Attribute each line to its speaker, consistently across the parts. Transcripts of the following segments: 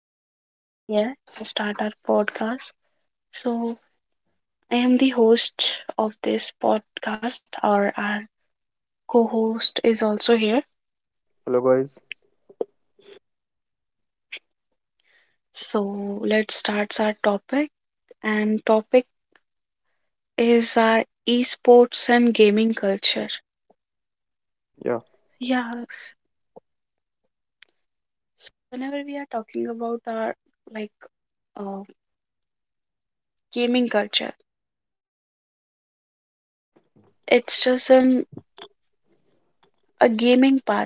Speaker 1: once again, we are here to start our podcast. So, I am the host of this podcast, or our co host is also here.
Speaker 2: Hello guys.
Speaker 1: So, let's start our topic. And topic is our esports and gaming culture.
Speaker 2: Yeah.
Speaker 1: Yeah, whenever we are talking about our like uh, gaming culture, it's just an a gaming path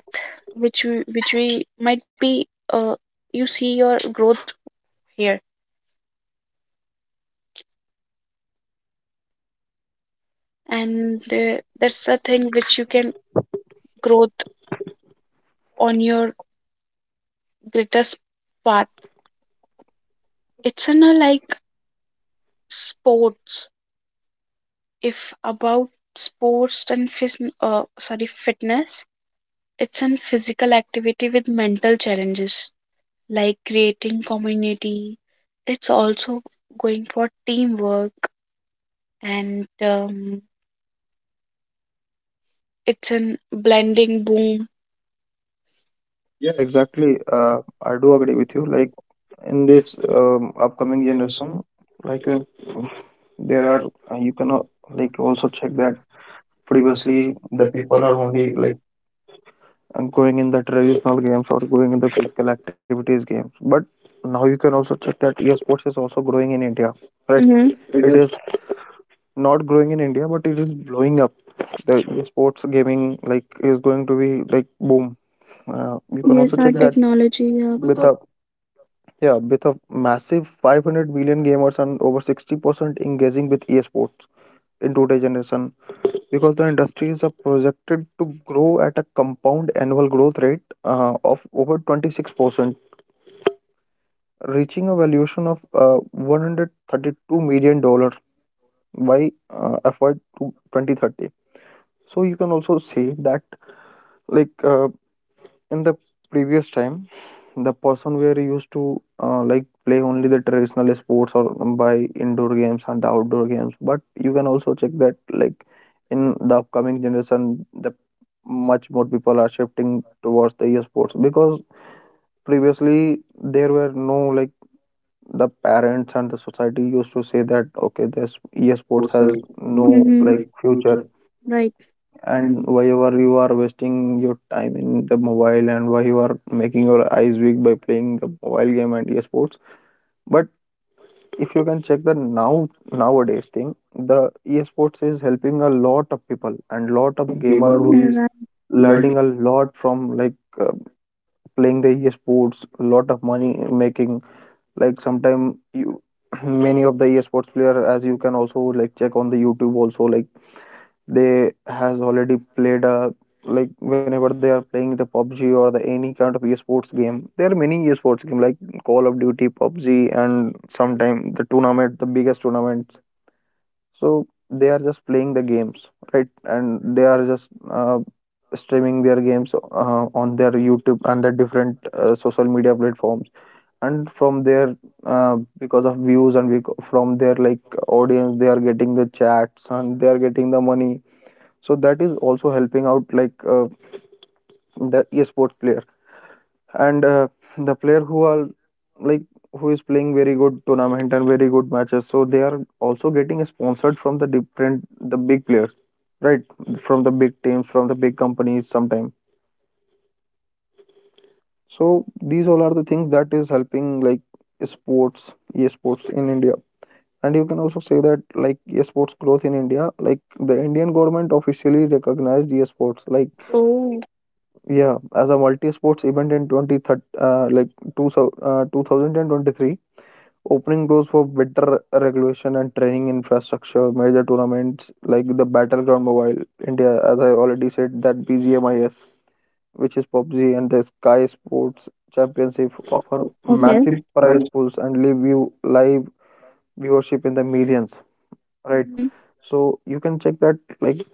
Speaker 1: which we might be you see your growth here and that's the thing which you can growth on your greatest path. It's in a like sports, if about sports and fis- sorry fitness. It's in physical activity with mental challenges, like creating community. It's also going for teamwork and it's an blending boom. Yeah,
Speaker 2: Yeah,
Speaker 1: exactly.
Speaker 2: exactly. I do
Speaker 1: Probably
Speaker 2: agree with
Speaker 1: it's
Speaker 2: you. Like
Speaker 1: like
Speaker 2: in
Speaker 1: in
Speaker 2: this
Speaker 1: this coming
Speaker 2: upcoming
Speaker 1: generation,
Speaker 2: generation,
Speaker 1: I
Speaker 2: like
Speaker 1: think
Speaker 2: there
Speaker 1: there
Speaker 2: are
Speaker 1: are
Speaker 2: you
Speaker 1: you
Speaker 2: can
Speaker 1: cannot like
Speaker 2: like also
Speaker 1: also check
Speaker 2: check that
Speaker 1: that
Speaker 2: previously
Speaker 1: previously
Speaker 2: the
Speaker 1: the people
Speaker 2: people are
Speaker 1: are
Speaker 2: only
Speaker 1: only like
Speaker 2: like going in the traditional games or going in the physical activities games. But now you can also check that esports is also growing in India,
Speaker 1: right.
Speaker 2: right?
Speaker 1: Mm-hmm. Right
Speaker 2: It
Speaker 1: now
Speaker 2: is not growing in India, but it is blowing up. The esports gaming like is going to be like boom. You
Speaker 1: people.
Speaker 2: can also
Speaker 1: Yes, think our
Speaker 2: check
Speaker 1: that
Speaker 2: that
Speaker 1: technology. Yeah,
Speaker 2: with
Speaker 1: without
Speaker 2: a yeah, with a massive 500 billion gamers and over 60% engaging with esports in today's generation, because the industry is projected to grow at a compound annual growth rate of over 26%, reaching a valuation of $132 million by FY to 2030. So you can also see that, like in the previous time, the person were used to like play only the traditional sports or by indoor games and the outdoor games, but you can also check that like in the upcoming generation the much more people are shifting towards the e-sports, because previously there were no like the parents and the society used to say that okay, this e-sports
Speaker 1: esports has
Speaker 2: has
Speaker 1: no,
Speaker 2: no
Speaker 1: hmm,
Speaker 2: like
Speaker 1: like
Speaker 2: future,
Speaker 1: future. Right.
Speaker 2: and
Speaker 1: and
Speaker 2: why you are wasting your time in the mobile, and why you are making your eyes weak by playing the mobile game and esports. But if you can check the nowadays thing, the esports is helping a lot of people and
Speaker 1: and
Speaker 2: lot
Speaker 1: lot
Speaker 2: of
Speaker 1: of
Speaker 2: gamer
Speaker 1: gamer
Speaker 2: who
Speaker 1: who,
Speaker 2: is
Speaker 1: yeah, is right. Learning
Speaker 2: learning a lot from like uh, playing the esports, lot of money making. Like sometime you many of the esports player, as you can also like check on the YouTube also, like they has already played a like whenever they are playing the PUBG or the any kind of esports game, there are many esports game like Call of Duty, PUBG, and sometime the tournament, the biggest tournaments. So they are just playing the games, right? And they are just streaming their games on their YouTube and the different social media platforms. And from there, because of views and from their like audience, they are getting the chats and they are getting the money, so that is also helping out like the esports player. And the player who are like who is playing very good tournament and very good matches, so they are also getting sponsored from the different the big players, right? From the big teams, from the big companies sometime. So these all are the things that is helping like sports esports in India. And you can also say that like esports growth in India, like the Indian government officially recognized
Speaker 1: P S
Speaker 2: esports
Speaker 1: sports
Speaker 2: like,
Speaker 1: like. Oh.
Speaker 2: yeah, as a multi-sports event in 2030, like 2023, opening doors for better regulation and training infrastructure, major tournaments like the Battleground Mobile India, as I already said, that BGMIS, which is PUBG, and the Sky Sports
Speaker 1: That
Speaker 2: Championship
Speaker 1: they
Speaker 2: offer
Speaker 1: offer. Okay.
Speaker 2: massive
Speaker 1: Massive
Speaker 2: prize pools and live viewership in the millions, right? Mhm.
Speaker 1: prize
Speaker 2: So you can check that like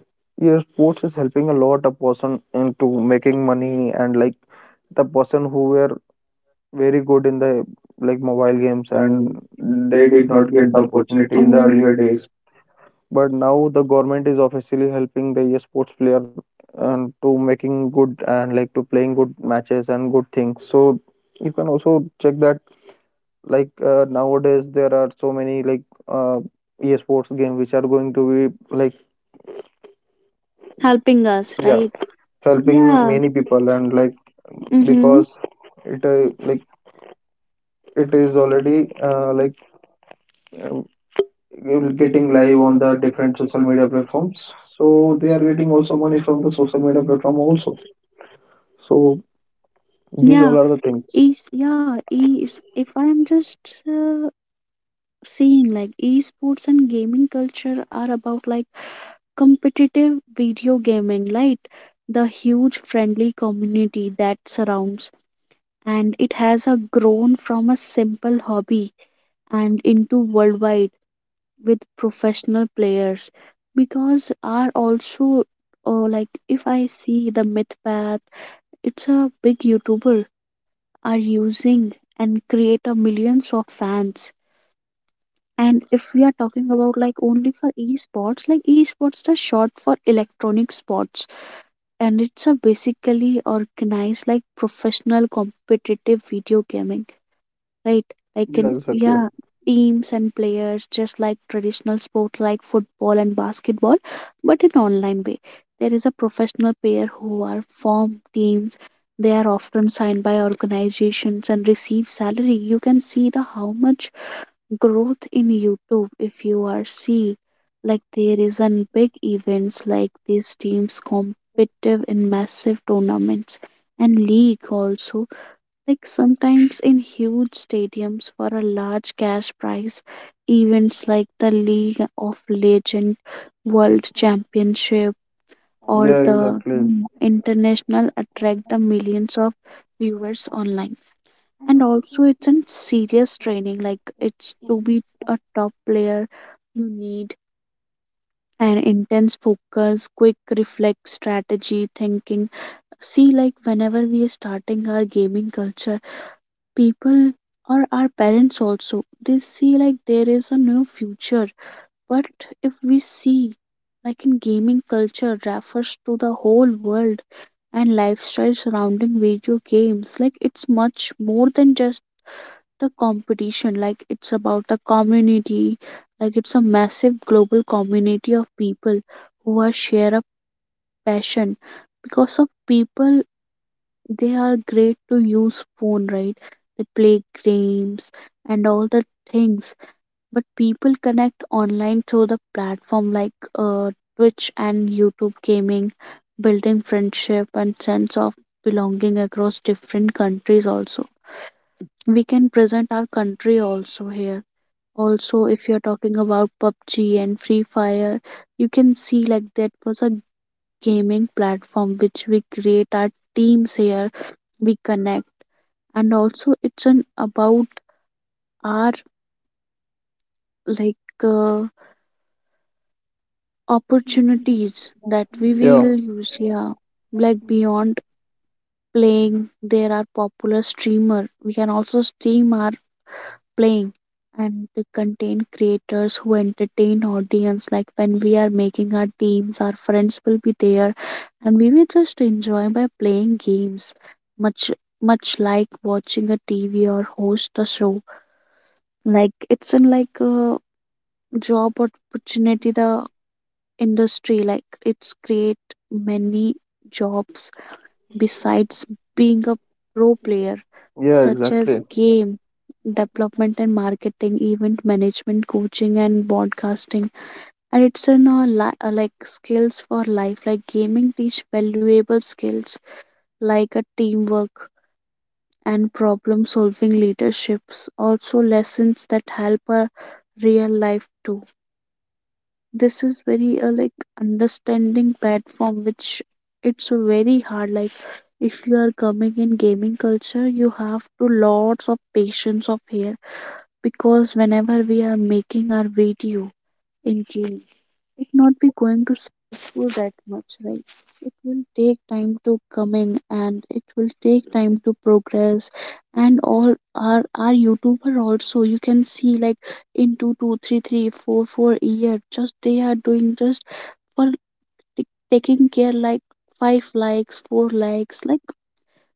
Speaker 2: your sports is helping a lot a person into making money, and like the person who were very good in the like mobile games
Speaker 1: games. And
Speaker 2: and they
Speaker 1: they
Speaker 2: did
Speaker 1: did
Speaker 2: not
Speaker 1: not
Speaker 2: get
Speaker 1: get
Speaker 2: the
Speaker 1: the opportunity
Speaker 2: opportunity in
Speaker 1: in
Speaker 2: the
Speaker 1: the, oh,
Speaker 2: earlier
Speaker 1: earlier
Speaker 2: days,
Speaker 1: days.
Speaker 2: but now the government is officially helping the sports player and to making good and like to playing good matches and good things. So you can also check that like nowadays there are so many like uh, esports game which are going to be like,
Speaker 1: Helping us, yeah,
Speaker 2: yeah,
Speaker 1: right? Helping,
Speaker 2: helping
Speaker 1: yeah,
Speaker 2: many
Speaker 1: many
Speaker 2: people.
Speaker 1: people
Speaker 2: And
Speaker 1: and
Speaker 2: like
Speaker 1: like, mm-hmm,
Speaker 2: because
Speaker 1: because it
Speaker 2: it like
Speaker 1: like it
Speaker 2: it is
Speaker 1: is
Speaker 2: already
Speaker 1: already like
Speaker 2: like uh,
Speaker 1: you're
Speaker 2: you're getting
Speaker 1: getting
Speaker 2: live
Speaker 1: live
Speaker 2: on
Speaker 1: on
Speaker 2: the
Speaker 1: the
Speaker 2: different
Speaker 1: different
Speaker 2: social
Speaker 1: social
Speaker 2: media
Speaker 1: media
Speaker 2: platforms,
Speaker 1: platforms.
Speaker 2: so
Speaker 1: So
Speaker 2: they
Speaker 1: they
Speaker 2: are
Speaker 1: are
Speaker 2: getting
Speaker 1: getting
Speaker 2: also
Speaker 1: also
Speaker 2: money
Speaker 1: money
Speaker 2: from
Speaker 1: from
Speaker 2: the
Speaker 1: the
Speaker 2: social
Speaker 1: social
Speaker 2: media
Speaker 1: media
Speaker 2: platform
Speaker 1: platform
Speaker 2: also.
Speaker 1: also. So
Speaker 2: So
Speaker 1: these,
Speaker 2: these
Speaker 1: yeah,
Speaker 2: all are
Speaker 1: are
Speaker 2: the
Speaker 1: the
Speaker 2: things.
Speaker 1: things. Is yeah, is if I'm just seeing like esports and gaming culture are about like competitive video gaming, right? The huge friendly community that surrounds, and it has a grown from a simple hobby and into worldwide with professional players, because are also like if I see the Mythpath, it's a big YouTuber, are using and create a millions of fans. And if we are talking about like only for esports, like esports the short for electronic sports, and it's a basically organized like professional competitive video gaming, right, like, yeah,
Speaker 2: Yeah,
Speaker 1: in, yes,
Speaker 2: exactly.
Speaker 1: yeah, teams and players just like traditional sports like football and basketball, but in online way. There is a professional player who are form teams, they are often signed by organizations and receive salary. You can see the how much growth in YouTube if you are see. Like there is an big events like these teams competitive in massive tournaments and league also, like sometimes in huge stadiums for a large cash prize. Events like the league of legend world championship or, yeah,
Speaker 2: Yeah,
Speaker 1: the,
Speaker 2: exactly.
Speaker 1: mm, international, attract the millions of viewers online. And also it's a serious training, like it's to be a top player, you need an intense focus, quick reflex, strategy thinking. See like whenever we are starting our gaming culture, people or our parents also, they see like there is a new future. But if we see, like in gaming culture refers to the whole world and lifestyle surrounding video games. Like it's much more than just the competition, like it's about a community, like it's a massive global community of people who are share a passion. Because of people, they are great to use phone, right? They play games and all the things. But people connect online through the platform like twitch and youtube gaming, building friendship and sense of belonging across different countries also. We can present our country also here. Also if you're talking about PUBG and Free Fire, you can see like that was a gaming platform which we create our teams here, we connect. And also it's an about our like uh, opportunities that we
Speaker 2: Yeah,
Speaker 1: will use, yeah, like beyond playing. There are popular streamer, we can also stream our playing and to contain creators who entertain audience. Like when we are making our teams, our friends will be there and we will just enjoy by playing games. Much much like watching a tv or host a show. Like it's in like a job opportunity. The industry like it's create many jobs. Besides being a pro player,
Speaker 2: yeah,
Speaker 1: such as
Speaker 2: exactly.
Speaker 1: game development and marketing, event management, coaching, and broadcasting. And it's in a like skills for life. Like gaming teach valuable skills like a teamwork and problem solving leaderships. Also lessons that help a real life too. This is very like understanding platform, which it's very hard. Like if you are coming in gaming culture, you have to lots of patience of here, because whenever we are making our video in game, it not be going to stressful that much, right? It will take time to coming and it will take time to progress and all. Our youtuber also, you can see like, in two two three three four four year just they are doing just for taking care like five likes four likes. Like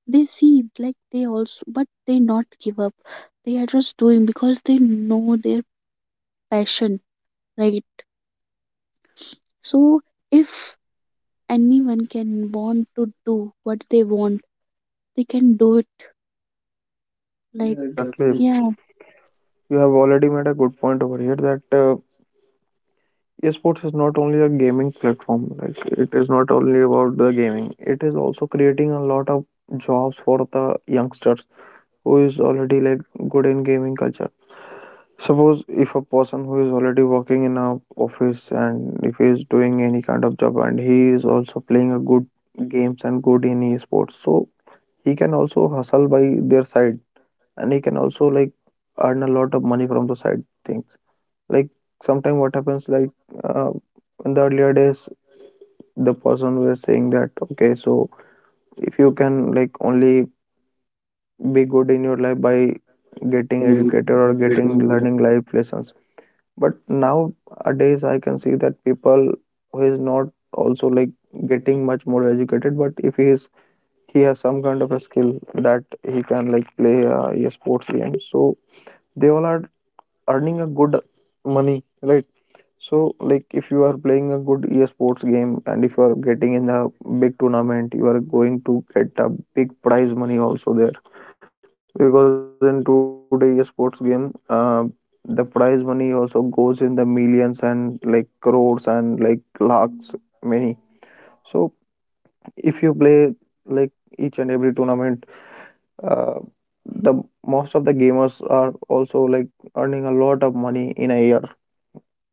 Speaker 1: they see like they also, but they not give up. They are just doing because they know their passion, right? So if anyone can want to do what they want, they can do it,
Speaker 2: Yeah,
Speaker 1: like, yeah,
Speaker 2: exactly.
Speaker 1: exactly, yeah.
Speaker 2: You have already made a good point over here that esports is not only a gaming platform, like it is not only about the gaming, it is also creating a lot of jobs for the youngsters who is already like good in gaming culture. Suppose if a person who is already working in a office and if he is doing any kind of job and he is also playing a good games and good in esports, so he can also hustle by their side and he can also like earn a lot of money from the side things. Like sometimes what happens like uh, in the earlier days the person was saying that okay, so if you can like only be good in your life by getting
Speaker 1: Getting with
Speaker 2: educated or getting
Speaker 1: getting
Speaker 2: learning life lessons, but nowadays I can see that people who is not also like getting much more educated, but if he is, he has some kind of a skill that he can like play a sports game, so they all are earning a good money, right? So like if you are playing a good esports game and if you are getting in a big tournament, you are going to get a big prize money also there, because in today's sports game, the prize money also goes in the millions and
Speaker 1: like
Speaker 2: like
Speaker 1: lots.
Speaker 2: crores
Speaker 1: Mm,
Speaker 2: and like
Speaker 1: yes.
Speaker 2: lakhs
Speaker 1: So
Speaker 2: many. So if you play like each and every tournament, uh, the most of the gamers are also like earning a lot of money in a year,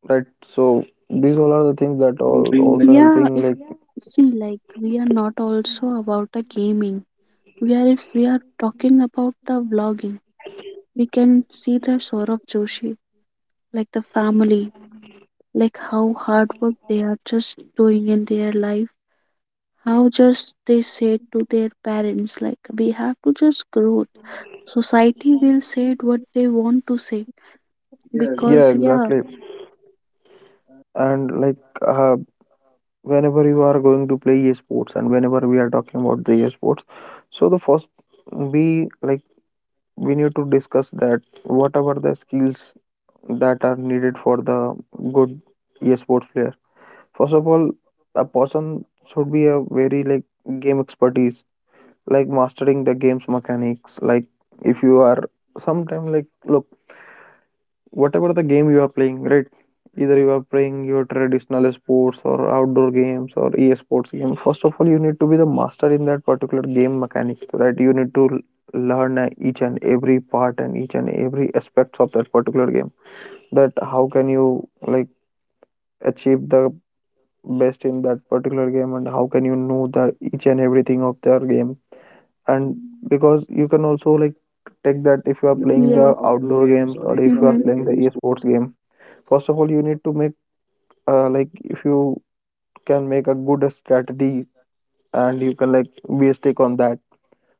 Speaker 2: right? So these all are the things that
Speaker 1: also
Speaker 2: are
Speaker 1: entering like,
Speaker 2: also
Speaker 1: yeah,
Speaker 2: helping.
Speaker 1: if
Speaker 2: Like,
Speaker 1: see like we are not also about the gaming. We are, if we are talking about the vlogging, we can see the Saurabh Joshi, like the family, like how hard work they are just doing in their life, how just they said to their parents like we have to just growth. Society will say what they want to say. Yeah, because
Speaker 2: yeah,
Speaker 1: exactly, yeah.
Speaker 2: exactly. And like uh, whenever you are going to play esports and whenever we are talking about the esports, so the first we like we need to discuss that whatever the skills that are needed for the good esports player. First of all, a person should be a very like game expertise, like mastering the game's mechanics. Like if you are sometime like look whatever the game you are playing, right? Either you are playing your traditional sports or outdoor games or e-sports game. First of all, you need to be the master in that particular game mechanics, right? You need to learn each and every part and each and every aspects of that particular game. That how can you like achieve the best in that particular game and how can you know the each and everything of their game. And because you can also like take that
Speaker 1: If
Speaker 2: if
Speaker 1: are
Speaker 2: you are
Speaker 1: playing the,
Speaker 2: playing the
Speaker 1: yes, outdoor
Speaker 2: outdoor
Speaker 1: games,
Speaker 2: games
Speaker 1: or
Speaker 2: or
Speaker 1: if
Speaker 2: if
Speaker 1: you are,
Speaker 2: you
Speaker 1: hmm,
Speaker 2: are
Speaker 1: playing
Speaker 2: playing the
Speaker 1: a e-sport,
Speaker 2: esports game, first of all, you need to make like if you can make a good strategy and you can like be stick on that,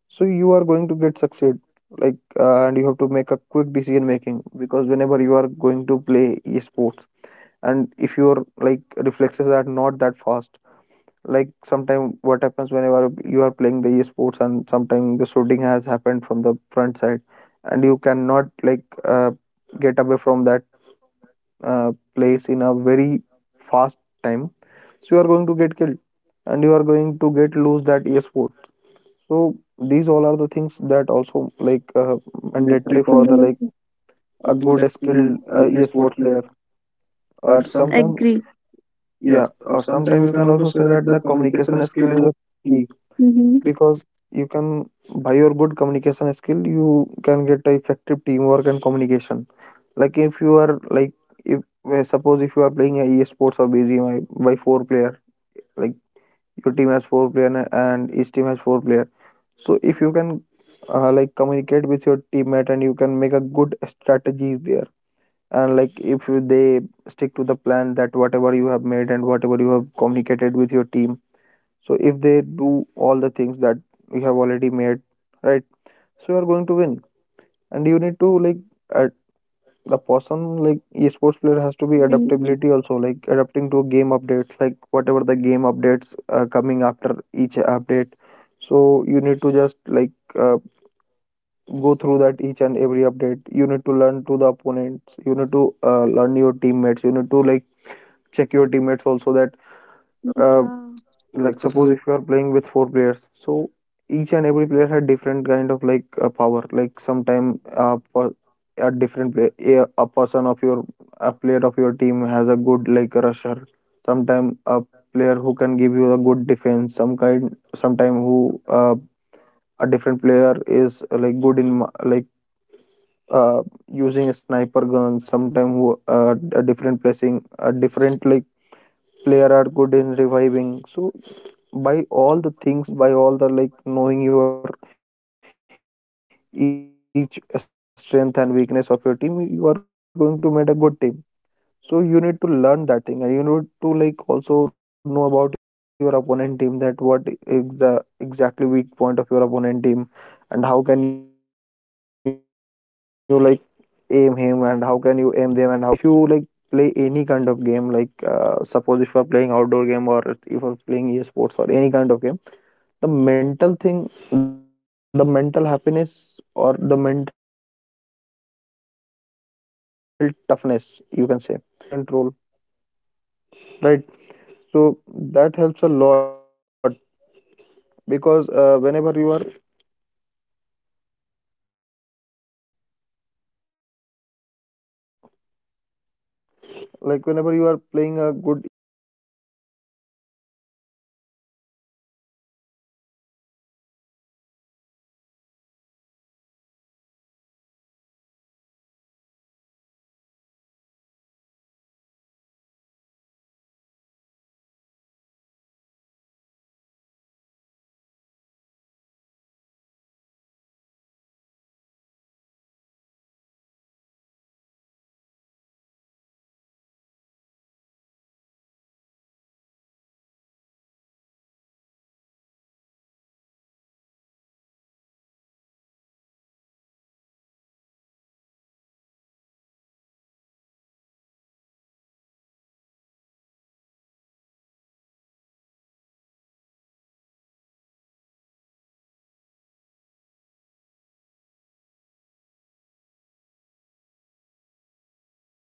Speaker 2: so you are going to get succeed. Like and you have to make a quick decision making because whenever you are going to play sports and if your like reflexes are not that fast, like sometime what happens whenever you are playing the sports and sometime the shooting has happened from the front side and you cannot like uh, get away from that place in a very fast time, so you are going to get killed and you are going to get lose that e-sport. So these all are the things that also like
Speaker 1: uh, and a
Speaker 2: mandatory
Speaker 1: trip for a,
Speaker 2: for the like
Speaker 1: yes, a
Speaker 2: a
Speaker 1: good
Speaker 2: good skilled
Speaker 1: experienced e-sport
Speaker 2: e-sports
Speaker 1: player,
Speaker 2: player.
Speaker 1: or
Speaker 2: Or
Speaker 1: something,
Speaker 2: sometimes,
Speaker 1: agree. Yeah,
Speaker 2: yeah,
Speaker 1: or
Speaker 2: or sometimes
Speaker 1: sometimes we
Speaker 2: you
Speaker 1: can
Speaker 2: can
Speaker 1: also
Speaker 2: also
Speaker 1: say
Speaker 2: say
Speaker 1: that
Speaker 2: that
Speaker 1: the
Speaker 2: the
Speaker 1: communication
Speaker 2: communication skill
Speaker 1: skill is
Speaker 2: is
Speaker 1: a
Speaker 2: a
Speaker 1: key.
Speaker 2: key,
Speaker 1: Hmm.
Speaker 2: because you can by your good communication skill you can get a effective teamwork and communication. Like if you are like if suppose if you are playing a e-sports or BGMI by four player, like your team has four player and each team has four player, so if you can like communicate with your teammate and you can make a good strategies there. And like if they stick to the plan that whatever you have made and whatever you have communicated with your team, so if they do all the things that you have already made, right? So you are going to win. And you need to like uh, the person like esports player
Speaker 1: You have
Speaker 2: has
Speaker 1: to
Speaker 2: to
Speaker 1: be
Speaker 2: be
Speaker 1: able, hmm, to be,
Speaker 2: adaptability also, like adapting to game updates, like whatever the game updates coming after each update. So you need to just like uh, go through that each and every update. You need to learn to the opponents, you need to learn your teammates, you need to like check your teammates also that uh,
Speaker 1: yeah, like
Speaker 2: like
Speaker 1: suppose
Speaker 2: suppose if you are playing with four players, so each and every player had different kind of like power, like sometime a different player, a person of your a player of your team has a good like rusher, sometime a player who can give you a good defense some kind sometime who a different player is like good in like uh, using a sniper gun, sometime who a different placing a different like player are good in reviving. So by all the things, by all the like knowing your each strength and weakness of your team, you are going to make a good team. So you need to learn that thing and you need to like also know about your opponent team that what is the exactly weak point of your opponent team, and how can you like aim him and how can you aim them and how can you win from them, like mental toughness is the main thing. If you like play any kind of game like suppose if you are playing outdoor game or if you are playing esports or any kind of game, the mental thing, the mental happiness, or the mental toughness, you can say, is the main important key that plays a different role, right? So that helps a lot because whenever you are like whenever you are playing a good